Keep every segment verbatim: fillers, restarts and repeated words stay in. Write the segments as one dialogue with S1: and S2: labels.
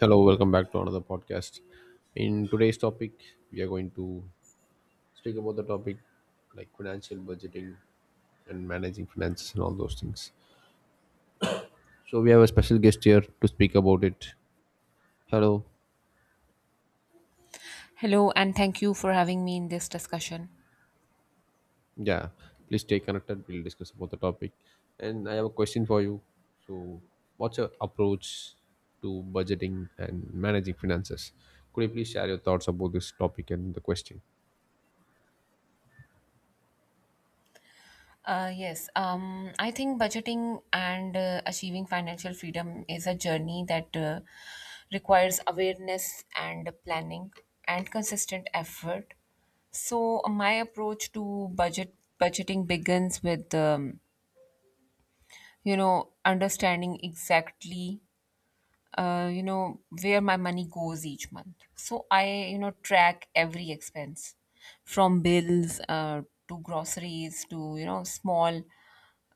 S1: Hello, welcome back to another podcast. In today's topic, we are going to speak about the topic like financial budgeting and managing finances and all those things. So we have a special guest here to speak about it. Hello.
S2: Hello, and thank you for having me in this discussion.
S1: Yeah. Please stay connected. We'll discuss about the topic. And I have a question for you. So what's your approach to budgeting and managing finances? Could you please share your thoughts about this topic and the question?
S2: Uh, yes, um, I think budgeting and uh, achieving financial freedom is a journey that uh, requires awareness and planning and consistent effort. So my approach to budget budgeting begins with um, you know understanding exactly, uh, you know where my money goes each month, so I you know track every expense from bills, uh, to groceries, to you know small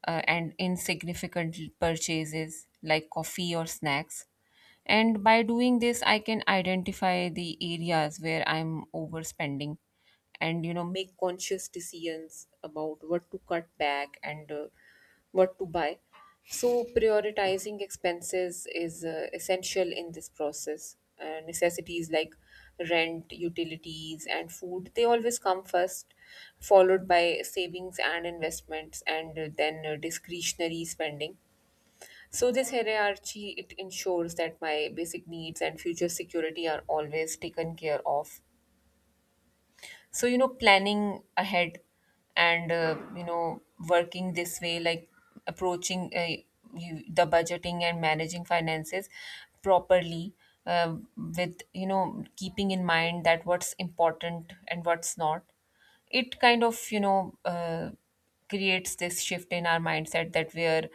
S2: uh, and insignificant purchases like coffee or snacks. And by doing this, I can identify the areas where I'm overspending and you know make conscious decisions about what to cut back and uh, what to buy. So prioritizing expenses is uh, essential in this process. Uh, necessities like rent, utilities, and food, they always come first, followed by savings and investments, and uh, then uh, discretionary spending. So this hierarchy, it ensures that my basic needs and future security are always taken care of. So you know planning ahead and uh, you know working this way, like approaching uh, you, the budgeting and managing finances properly, uh, with you know keeping in mind that what's important and what's not, it kind of, you know uh, creates this shift in our mindset that we're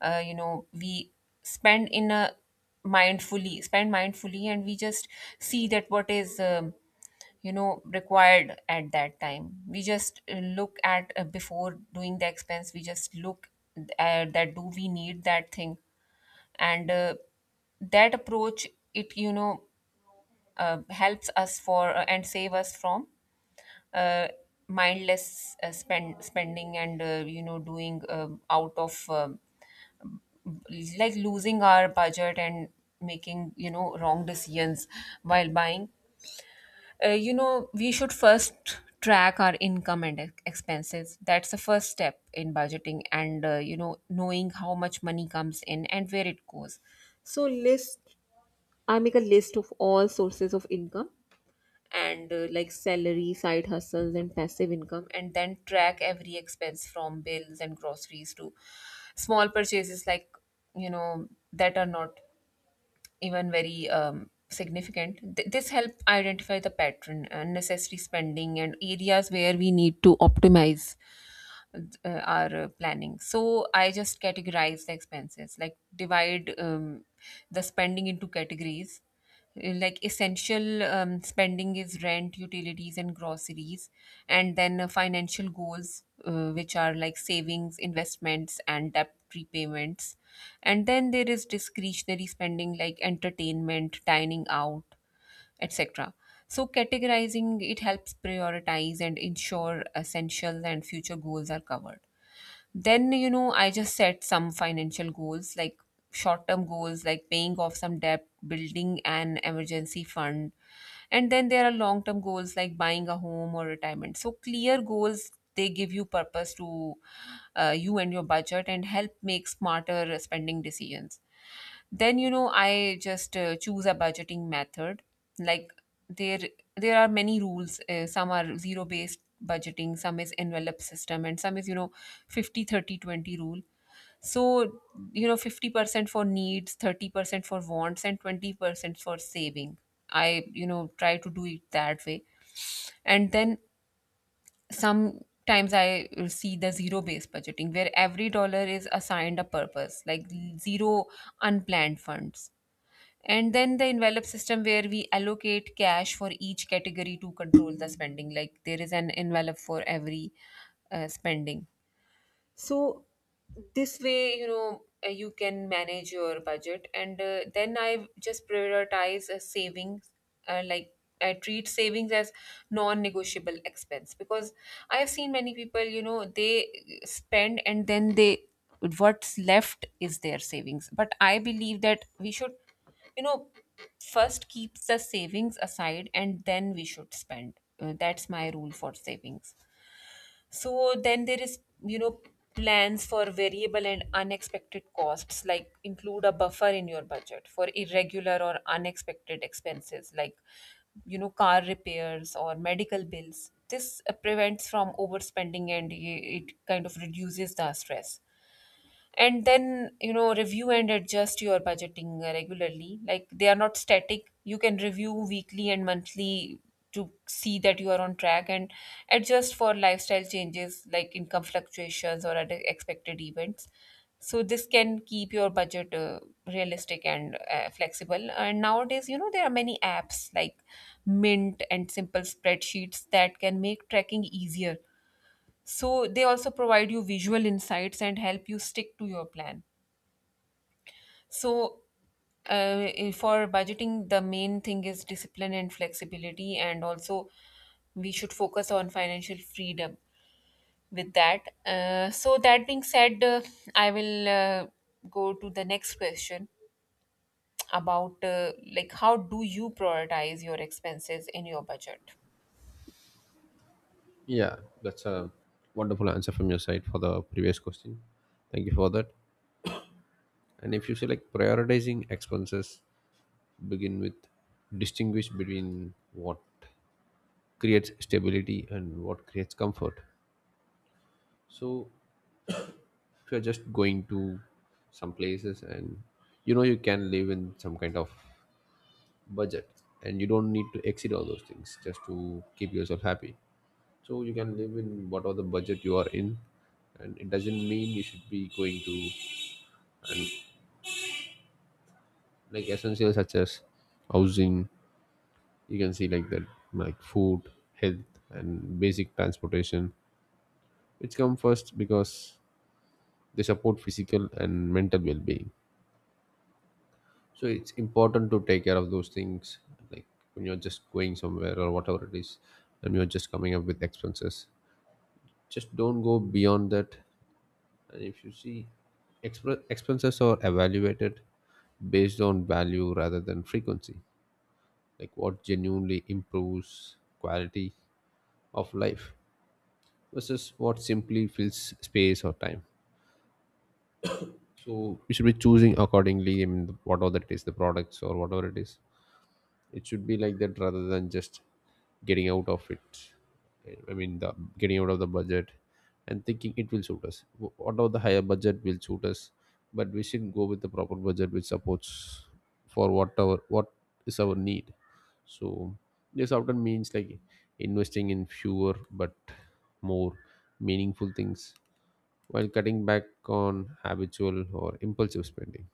S2: uh, you know we spend in a mindfully spend mindfully, and we just see that what is, um, you know required at that time. We just uh, look at, uh, before doing the expense, we just look at that, do we need that thing? And uh, that approach, it you know uh, helps us for, uh, and save us from uh, mindless, uh, spend spending, and uh, you know doing um out of, um, like, losing our budget and making you know wrong decisions while buying. Uh, you know we should first track our income and ex- expenses. That's the first step in budgeting, and uh, you know knowing how much money comes in and where it goes. So list I make a list of all sources of income and uh, like salary, side hustles, and passive income, and then track every expense from bills and groceries to small purchases, like you know that are not even very um, significant. Th- this help identify the pattern and necessary spending and areas where we need to optimize uh, our uh, planning. So I just categorize the expenses, like divide um, the spending into categories. Uh, Like, essential um, spending is rent, utilities, and groceries, and then uh, financial goals, uh, which are like savings, investments, and debt repayments. And then there is discretionary spending like entertainment, dining out, et cetera. So, categorizing it helps prioritize and ensure essentials and future goals are covered. Then, you know, I just set some financial goals, like short term goals like paying off some debt, building an emergency fund. And then there are long term goals like buying a home or retirement. So, clear goals, they give you purpose to, uh, you and your budget, and help make smarter spending decisions. Then you know I just uh, choose a budgeting method, like there there are many rules. Uh, some are zero based budgeting, some is envelope system, and some is you know fifty thirty twenty rule. So you know fifty percent for needs, thirty percent for wants, and twenty percent for saving. I, you know try to do it that way. And then sometimes I see the zero based budgeting, where every dollar is assigned a purpose, like zero unplanned funds. And then the envelope system, where we allocate cash for each category to control the spending, like there is an envelope for every uh, spending. So this way, you know, uh, you can manage your budget. And uh, then I just prioritize uh, savings, uh, like I treat savings as non-negotiable expense, because I have seen many people, you know, they spend and then they, what's left is their savings. But I believe that we should, you know, first keep the savings aside, and then we should spend. Uh, that's my rule for savings. So then there is, you know, plans for variable and unexpected costs, like include a buffer in your budget for irregular or unexpected expenses, like, you know, car repairs or medical bills. This uh, prevents from overspending, and i- it kind of reduces the stress. And then you know review and adjust your budgeting uh, regularly. Like, they are not static. You can review weekly and monthly to see that you are on track, and adjust for lifestyle changes like income fluctuations or other expected events. So this can keep your budget uh, realistic and uh, flexible. And nowadays, you know there are many apps like Mint and simple spreadsheets that can make tracking easier. So they also provide you visual insights and help you stick to your plan. So uh, eh, for budgeting, the main thing is discipline and flexibility, and also we should focus on financial freedom with that. Uh, so, that being said, uh, I will uh, go to the next question about, uh, like, how do you prioritize your expenses in your budget?
S1: Yeah, that's a wonderful answer from your side for the previous question. Thank you for that. And if you say like prioritizing expenses, begin with distinguish between what creates stability and what creates comfort. So if you're just going to some places and you know you can live in some kind of budget, and you don't need to exceed all those things just to keep yourself happy. So you can live in whatever the budget you are in, and it doesn't mean you should be going to, and like essentials such as housing, you can see like that, like food, health and basic transportation which come first because they support physical and mental well-being. So it's important to take care of those things, like when you're just going somewhere or whatever it is and you're just coming up with expenses, just don't go beyond that. And if you see, exp- expenses are evaluated based on value rather than frequency, like what genuinely improves quality of life versus what simply fills space or time. So we should be choosing accordingly, I mean whatever that is, the products or whatever it is, it should be like that rather than just getting out of it. I mean the getting out of the budget and thinking it will suit us. Wh- whatever the higher budget will suit us, but we should go with the proper budget which supports for whatever what is our need. So this often means like investing in fewer but more meaningful things while cutting back on habitual or impulsive spending.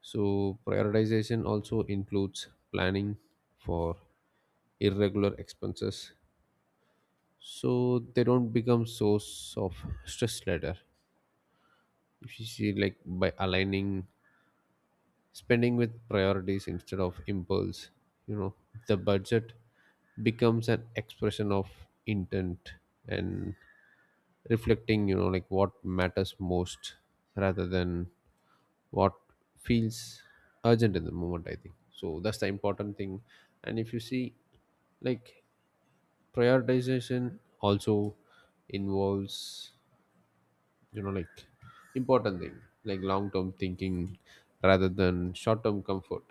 S1: So, prioritization also includes planning for irregular expenses so they don't become source of stress later. If you see, like by aligning spending with priorities instead of impulse, you know, the budget becomes an expression of intent and reflecting, you know, like what matters most rather than what feels urgent in the moment, I think, so that's the important thing. And if you see, like prioritization also involves, you know, like important thing, like long term thinking rather than short term comfort,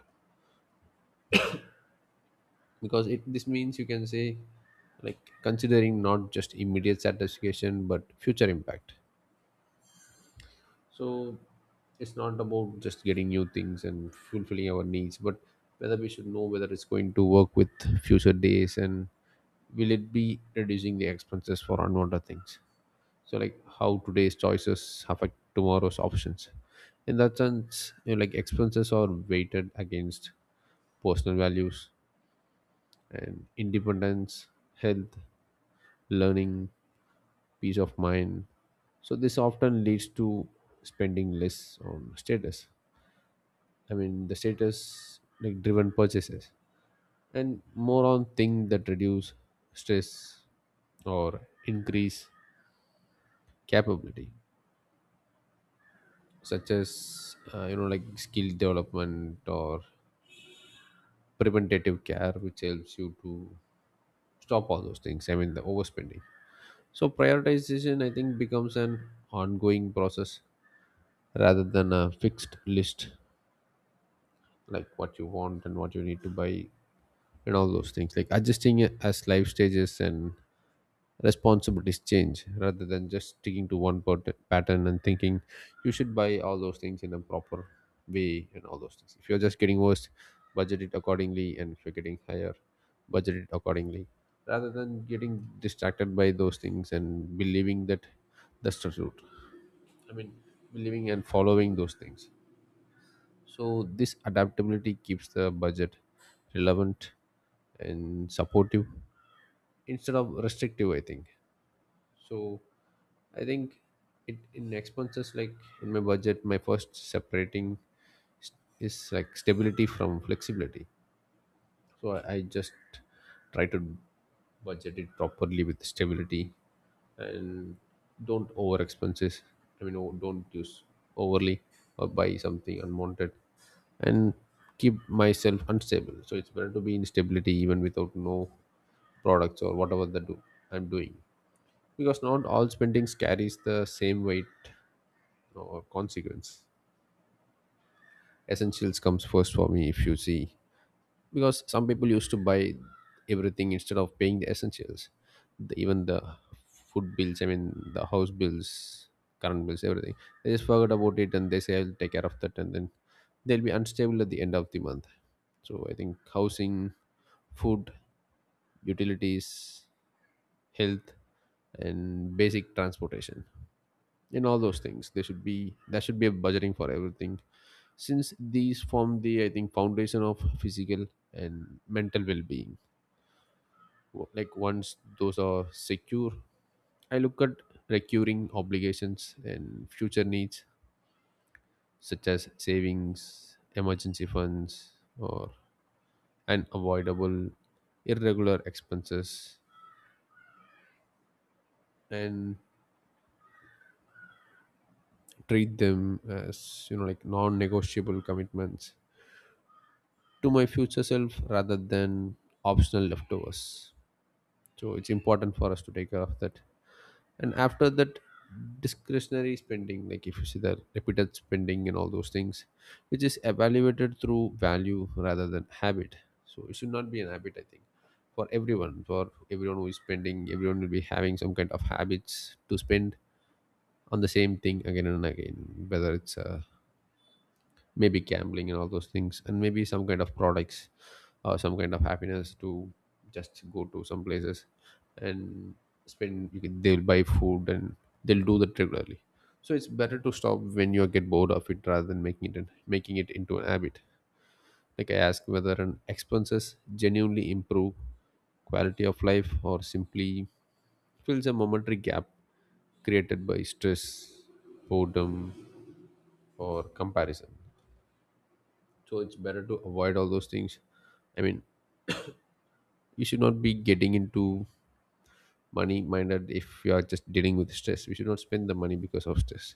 S1: because it this means you can say like considering not just immediate satisfaction but future impact. So it's not about just getting new things and fulfilling our needs, but whether we should know whether it's going to work with future days and will it be reducing the expenses for unwanted things. So like how today's choices affect tomorrow's options. In that sense, you know, like expenses are weighted against personal values and independence, health, learning, peace of mind. So this often leads to spending less on status, I mean the status like driven purchases, and more on things that reduce stress or increase capability, such as uh, you know, like skill development or preventative care which helps you to stop all those things, I mean the overspending. So prioritization, I think, becomes an ongoing process rather than a fixed list, like what you want and what you need to buy and all those things, like adjusting it as life stages and responsibilities change, rather than just sticking to one pat- pattern and thinking you should buy all those things in a proper way and all those things. If you're just getting worse, budget it accordingly, and if you're getting higher, budget it accordingly rather than getting distracted by those things and believing that that's the route. I mean, believing and following those things. So, this adaptability keeps the budget relevant and supportive instead of restrictive, I think. So, I think it in expenses, like in my budget, my first separating s- is like stability from flexibility. So I, I just try to budget it properly with stability and don't over expenses. I mean, o- don't use overly or buy something unwanted and keep myself unstable. So it's better to be in stability even without no products or whatever the do I'm doing, because not all spendings carries the same weight or consequence. Essentials comes first for me if you see, because some people used to buy everything instead of paying the essentials, the, even the food bills. I mean, the house bills, current bills, everything. They just forgot about it and they say I'll take care of that, and then they'll be unstable at the end of the month. So I think housing, food, utilities, health, and basic transportation, in all those things there should be there should be a budgeting for everything, since these form the, I think, foundation of physical and mental well-being. W- like once those are secure, I look at recurring obligations and future needs such as savings, emergency funds, or unavoidable irregular expenses, and treat them as, you know, like non-negotiable commitments to my future self rather than optional leftovers. So it's important for us to take care of that. And after that, discretionary spending, like if you see the repeated spending and all those things, which is evaluated through value rather than habit. So it should not be an habit, I think, for everyone. For everyone who is spending, everyone will be having some kind of habits to spend on the same thing again and again, whether it's a maybe gambling and all those things, and maybe some kind of products or some kind of happiness to just go to some places and spend. You can, they'll buy food and they'll do that regularly, so it's better to stop when you get bored of it rather than making it making it into an habit, like I ask whether an expenses genuinely improve quality of life or simply fills a momentary gap created by stress, boredom, or comparison. So it's better to avoid all those things. I mean, you should not be getting into money minded. If you are just dealing with stress, we should not spend the money because of stress.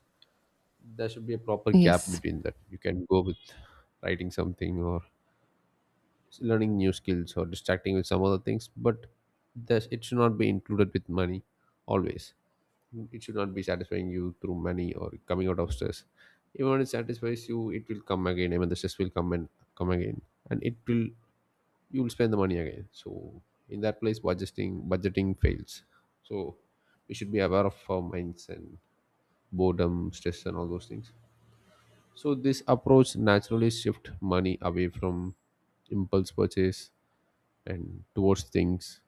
S1: There should be a proper gap
S2: Yes.
S1: between that. You can go with writing something or learning new skills or distracting with some other things, but there's, it should not be included with money always. It should not be satisfying you through money or coming out of stress. Even when it satisfies you, it will come again. I mean the stress will come and come again, and it will, you will spend the money again. So in that place budgeting budgeting fails. So we should be aware of our minds and boredom, stress, and all those things. So this approach naturally shift money away from impulse purchase and towards things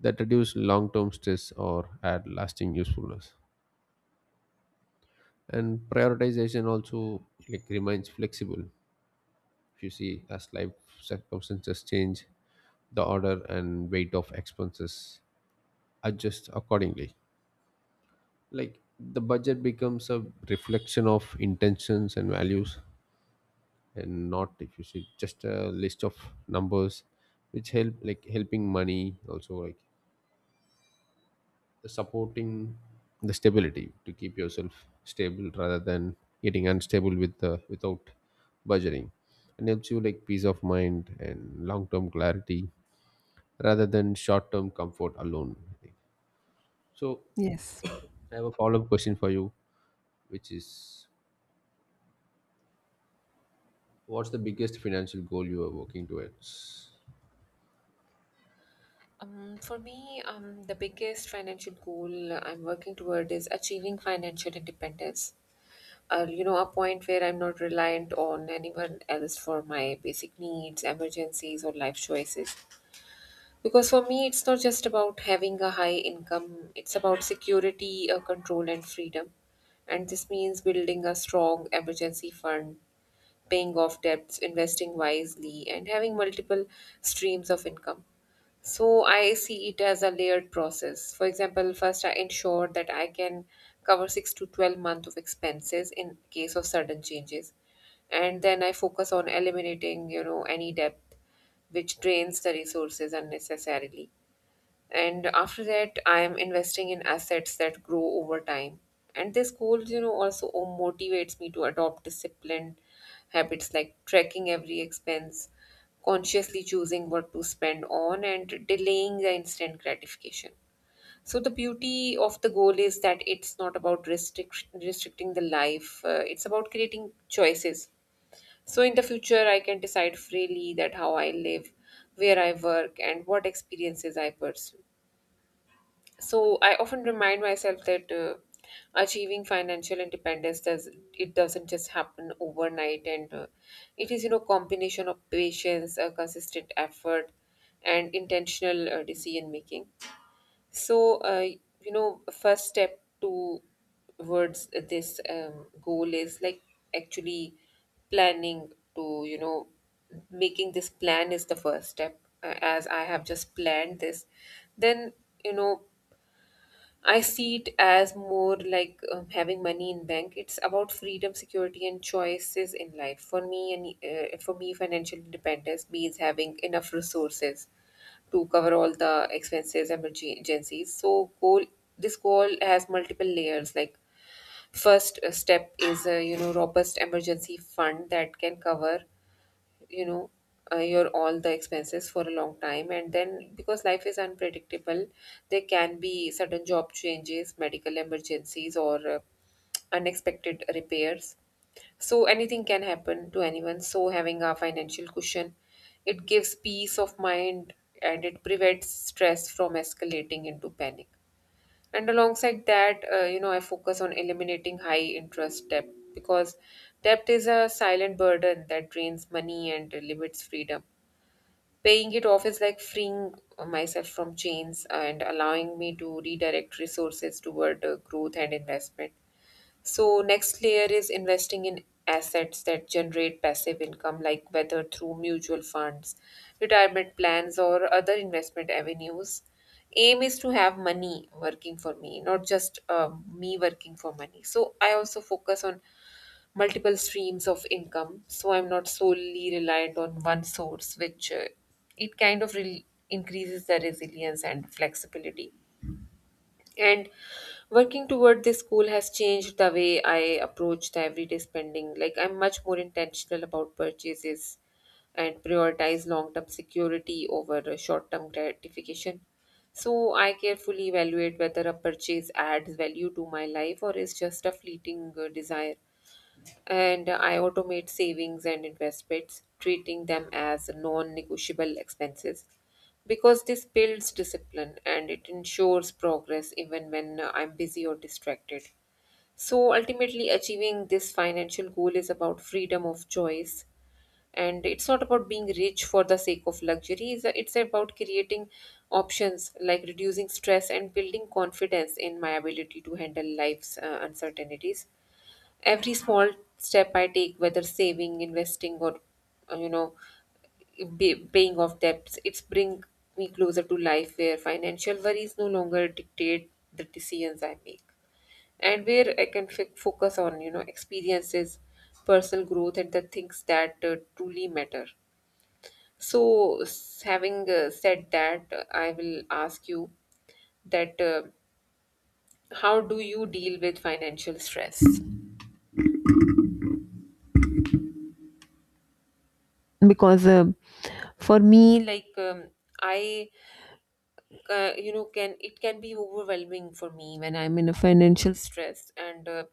S1: that reduce long-term stress or add lasting usefulness. And prioritization also like remains flexible. If you see, as life circumstances change, the order and weight of expenses adjust accordingly, like the budget becomes a reflection of intentions and values and not, if you see, just a list of numbers, which help, like helping money also, like supporting the stability to keep yourself stable rather than getting unstable with the without budgeting, and helps you like peace of mind and long-term clarity rather than short-term comfort alone, I think. So
S2: Yes.
S1: I have a follow-up question for you, which is, what's the biggest financial goal you are working towards?
S2: Um, for me, um, the biggest financial goal I'm working toward is achieving financial independence. Uh, you know, a point where I'm not reliant on anyone else for my basic needs, emergencies, or life choices. Because for me, it's not just about having a high income, it's about security, uh, control, and freedom. And this means building a strong emergency fund, paying off debts, investing wisely, and having multiple streams of income. So I see it as a layered process. For example, first I ensure that I can cover six to twelve months of expenses in case of sudden changes. And then I focus on eliminating, you know, any debt which drains the resources unnecessarily. And after that, I am investing in assets that grow over time. And this goal, you know also motivates me to adopt disciplined habits, like tracking every expense, consciously choosing what to spend on, and delaying the instant gratification. So the beauty of the goal is that it's not about restrict- restricting the life. Uh, it's about creating choices, so in the future I can decide freely that how I live, where I work, and what experiences I pursue. So I often remind myself that uh, achieving financial independence does it doesn't just happen overnight, and uh, it is you know combination of patience, uh, consistent effort, and intentional uh, decision making. So uh, you know, first step towards this um, goal is, like, actually planning to, you know making this plan is the first step, uh, as I have just planned this. Then, you know I see it as more like, um, having money in bank. It's about freedom, security, and choices in life. For me, and uh, for me, financial independence means having enough resources to cover all the expenses and emergencies. So, goal This goal has multiple layers. Like, first uh, step is a, you know robust emergency fund that can cover, you know uh, your all the expenses for a long time. And then, because life is unpredictable, there can be sudden job changes, medical emergencies, or uh, unexpected repairs. So anything can happen to anyone, so having a financial cushion, it gives peace of mind and it prevents stress from escalating into panic. And alongside that, uh, you know, I focus on eliminating high interest debt, because debt is a silent burden that drains money and limits freedom. Paying it off is like freeing myself from chains and allowing me to redirect resources toward uh, growth and investment. So, next layer is investing in assets that generate passive income, like whether through mutual funds, retirement plans, or other investment avenues. Aim is to have money working for me, not just, um, me working for money. So, I also focus on multiple streams of income, so I'm not solely reliant on one source, which uh, it kind of re- increases the resilience and flexibility. And working toward this goal has changed the way I approach the everyday spending. Like, I'm much more intentional about purchases, and prioritize long-term security over uh, short-term gratification. So I carefully evaluate whether a purchase adds value to my life or is just a fleeting uh, desire. And I automate savings and investments, treating them as non negotiable expenses, because this builds discipline and it ensures progress even when uh, I'm busy or distracted. So, ultimately, achieving this financial goal is about freedom of choice, and it's not about being rich for the sake of luxury, it's it's about creating options, like reducing stress and building confidence in my ability to handle life's uh, uncertainties. Every small step I take, whether saving, investing, or, uh, you know, ba- paying off debts, it's bring me closer to life where financial worries no longer dictate the decisions I make, and where I can f- focus on, you know experiences, personal growth, and the things that uh, truly matter. So, s- having uh, said that, uh, I will ask you that, uh, how do you deal with financial stress? Because um for me, like, um, I uh, you know can it can be overwhelming for me when I'm in a financial stress, and uh,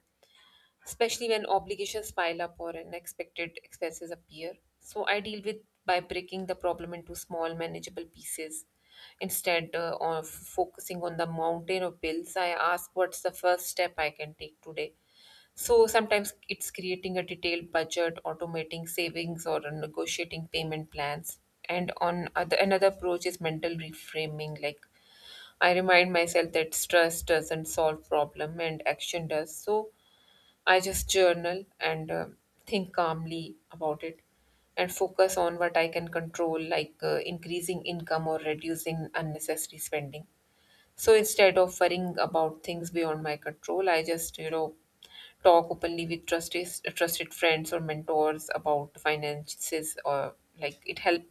S2: especially when obligations pile up or unexpected expenses appear. So I deal with by breaking the problem into small manageable pieces. Instead uh, of focusing on the mountain of bills, I ask, what's the first step I can take today? So sometimes it's creating a detailed budget, automating savings, or negotiating payment plans. And on other, another approach is mental reframing. Like, I remind myself that stress doesn't solve problem and action does. So I just journal and, uh, think calmly about it, and focus on what I can control, like uh, increasing income or reducing unnecessary spending. So instead of worrying about things beyond my control, I just, you know, talk openly with trusted trusted friends or mentors about finances, or like, it help,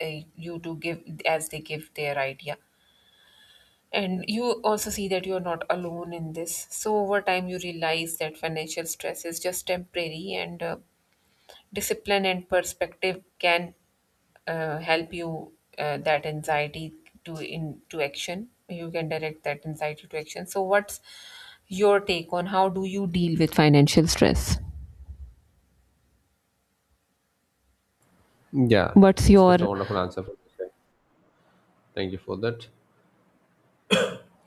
S2: uh, you to give as they give their idea. And you also see that you're not alone in this. So over time, you realize that financial stress is just temporary, and uh, discipline and perspective can uh, help you, uh, that anxiety, to into action. You can direct that anxiety to action. So what's your take on how do you deal with financial stress?
S1: Yeah,
S2: What's
S1: it's
S2: your
S1: just a wonderful answer for this guy. Thank you for that.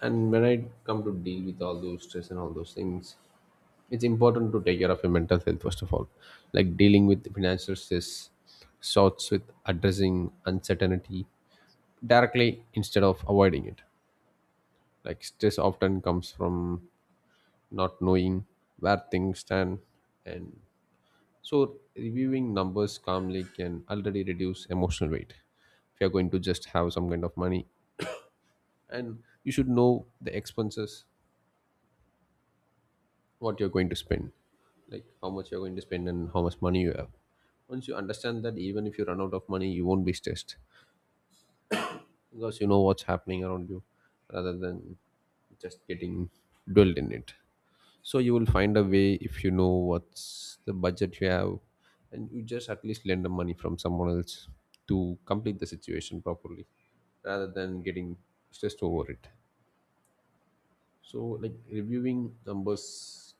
S1: And when I come to deal with all those stress and all those things, it's important to take care of your mental health first of all. Like dealing with financial stress starts with addressing uncertainty directly instead of avoiding it. Like stress often comes from not knowing where things stand, and so reviewing numbers calmly can already reduce emotional weight. If you're going to just have some kind of money, and you should know the expenses, what you're going to spend, like how much you're going to spend and how much money you have. Once you understand that, even if you run out of money, you won't be stressed because you know what's happening around you, rather than just getting dwelled in it. So you will find a way if you know what's the budget you have, and you just at least lend the money from someone else to complete the situation properly rather than getting stressed over it. So like reviewing numbers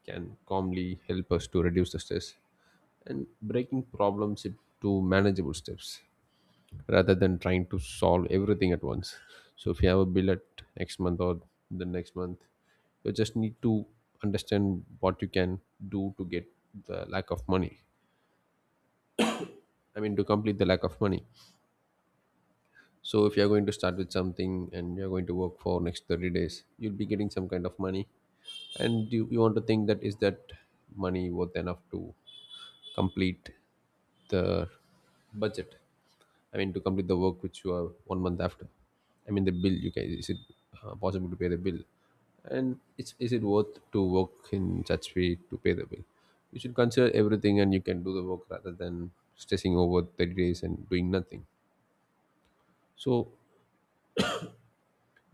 S1: can calmly help us to reduce the stress, and breaking problems into manageable steps rather than trying to solve everything at once. So if you have a bill at next month or the next month, you just need to understand what you can do to get the lack of money. I mean, to complete the lack of money. So if you're going to start with something and you're going to work for next thirty days, you'll be getting some kind of money. And you, you want to think that is that money worth enough to complete the budget. I mean, to complete the work which you are one month after. I mean, the bill you can, is it uh, possible to pay the bill, and it's, is it worth to work in such way to pay the bill? You should consider everything, and you can do the work rather than stressing over thirty days and doing nothing. So,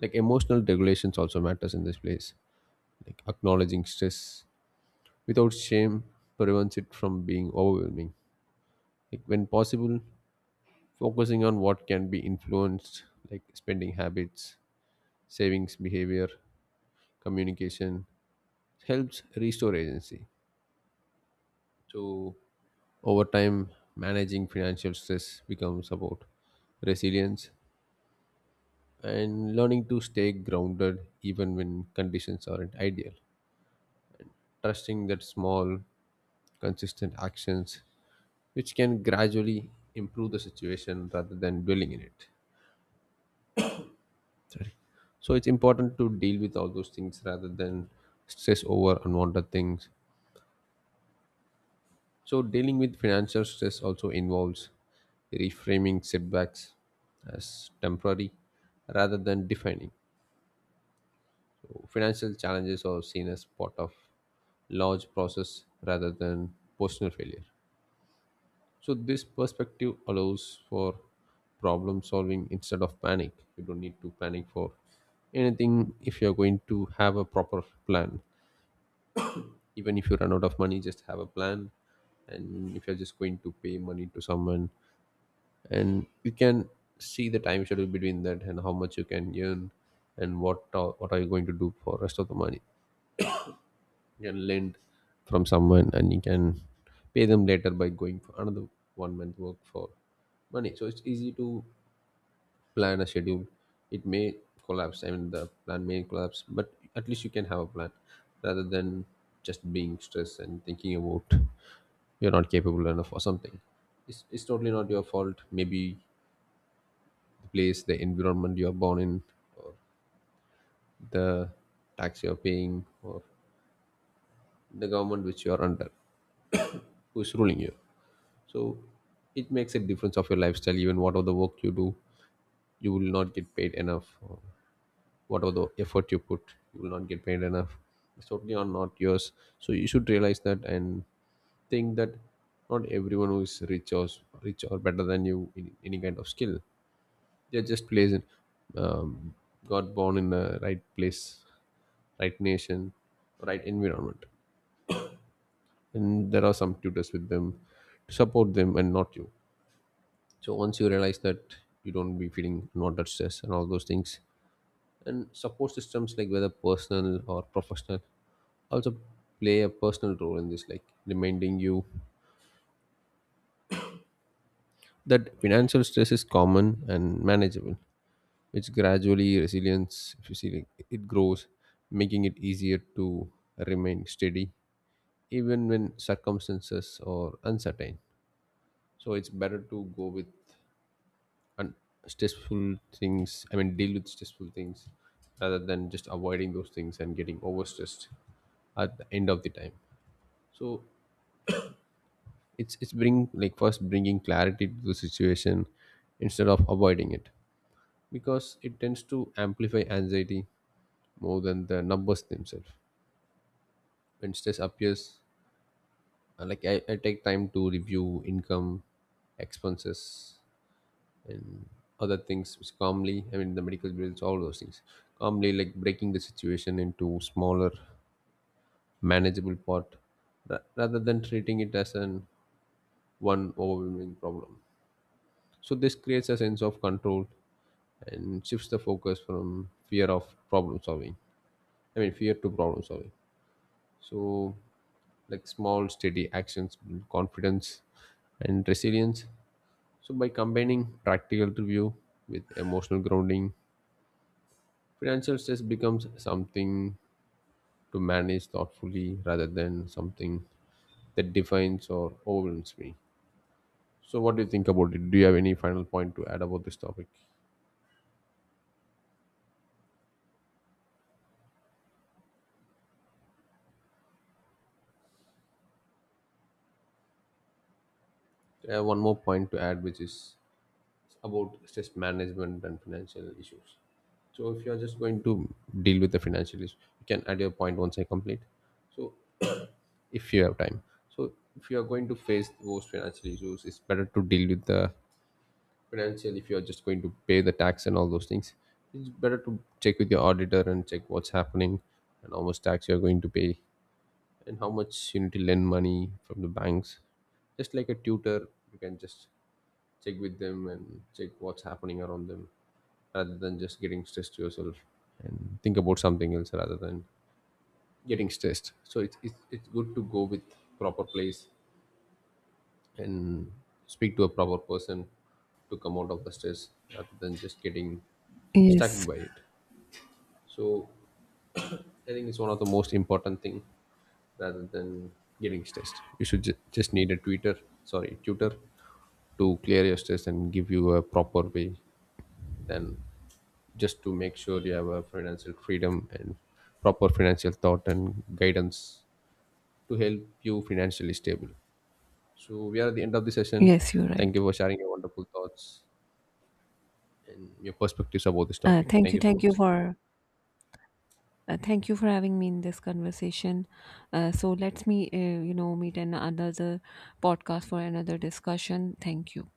S1: like emotional regulations also matters in this place. Like acknowledging stress without shame prevents it from being overwhelming. Like when possible, focusing on what can be influenced, like spending habits, savings behavior, communication, helps restore agency. So over time, managing financial stress becomes about resilience and learning to stay grounded even when conditions aren't ideal, trusting that small, consistent actions which can gradually improve the situation rather than dwelling in it. So it's important to deal with all those things rather than stress over unwanted things. So dealing with financial stress also involves reframing setbacks as temporary rather than defining. So financial challenges are seen as part of large process rather than personal failure. So this perspective allows for problem solving instead of panic. You don't need to panic for anything if you're going to have a proper plan. Even if you run out of money, just have a plan. And if you're just going to pay money to someone, and you can see the time schedule between that and how much you can earn, and what are, what are you going to do for rest of the money, you can lend from someone and you can pay them later by going for another one month work for money. So it's easy to plan a schedule. It may collapse, I mean the plan may collapse, but at least you can have a plan rather than just being stressed and thinking about you're not capable enough or something. It's, it's totally not your fault. Maybe the place, the environment you are born in, or the tax you're paying, or the government which you are under, who is ruling you. So it makes a difference of your lifestyle. Even whatever the work you do, you will not get paid enough. Whatever the effort you put, you will not get paid enough. It's totally on, not yours. So you should realize that and think that not everyone who is rich or rich or better than you in any kind of skill, they're just placed in, um, got born in the right place, right nation, right environment, and there are some tutors with them to support them and not you. So once you realize that, you don't be feeling not that stress and all those things. And support systems, like whether personal or professional, also play a personal role in this, like reminding you that financial stress is common and manageable, which gradually resilience, if you see, like, it grows, making it easier to remain steady even when circumstances are uncertain. So it's better to go with un- stressful things, I mean deal with stressful things, rather than just avoiding those things and getting overstressed at the end of the time. So it's it's bring, like, first bringing clarity to the situation instead of avoiding it, because it tends to amplify anxiety more than the numbers themselves. When stress appears, uh, like I, I take time to review income, expenses, and other things which calmly, I mean the medical bills, all those things calmly, like breaking the situation into smaller manageable part ra- rather than treating it as an one overwhelming problem. So this creates a sense of control and shifts the focus from fear of problem solving. I mean, fear to problem solving. So, like small, steady actions build confidence and resilience. So, by combining practical review with emotional grounding, financial stress becomes something to manage thoughtfully rather than something that defines or overwhelms me. So, what do you think about it? Do you have any final point to add about this topic? I have one more point to add, which is about stress management and financial issues. So if you are just going to deal with the financial issue, you can add your point once I complete. So if you have time. So if you are going to face those financial issues, it's better to deal with the financial, if you are just going to pay the tax and all those things. It's better to check with your auditor and check what's happening and how much tax you are going to pay and how much you need to lend money from the banks. Just like a tutor, you can just check with them and check what's happening around them rather than just getting stressed yourself and think about something else rather than getting stressed. So it's it's, it's good to go with proper place and speak to a proper person to come out of the stress rather than just getting stuck
S2: Yes.
S1: by it. So I think it's one of the most important thing. Rather than getting stressed, you should ju- just need a tutor, sorry, tutor, to clear your stress and give you a proper way than just to make sure you have a financial freedom and proper financial thought and guidance to help you financially stable. So we are at the end of the session.
S2: Yes, you're
S1: Thank
S2: right.
S1: you for sharing your wonderful thoughts and your perspectives about this
S2: Uh,
S1: topic.
S2: thank
S1: Thank
S2: you,
S1: you so
S2: thank you
S1: much.
S2: for uh, thank you for having me in this conversation. Uh, so, let's me, uh, you know meet in another podcast for another discussion. Thank you.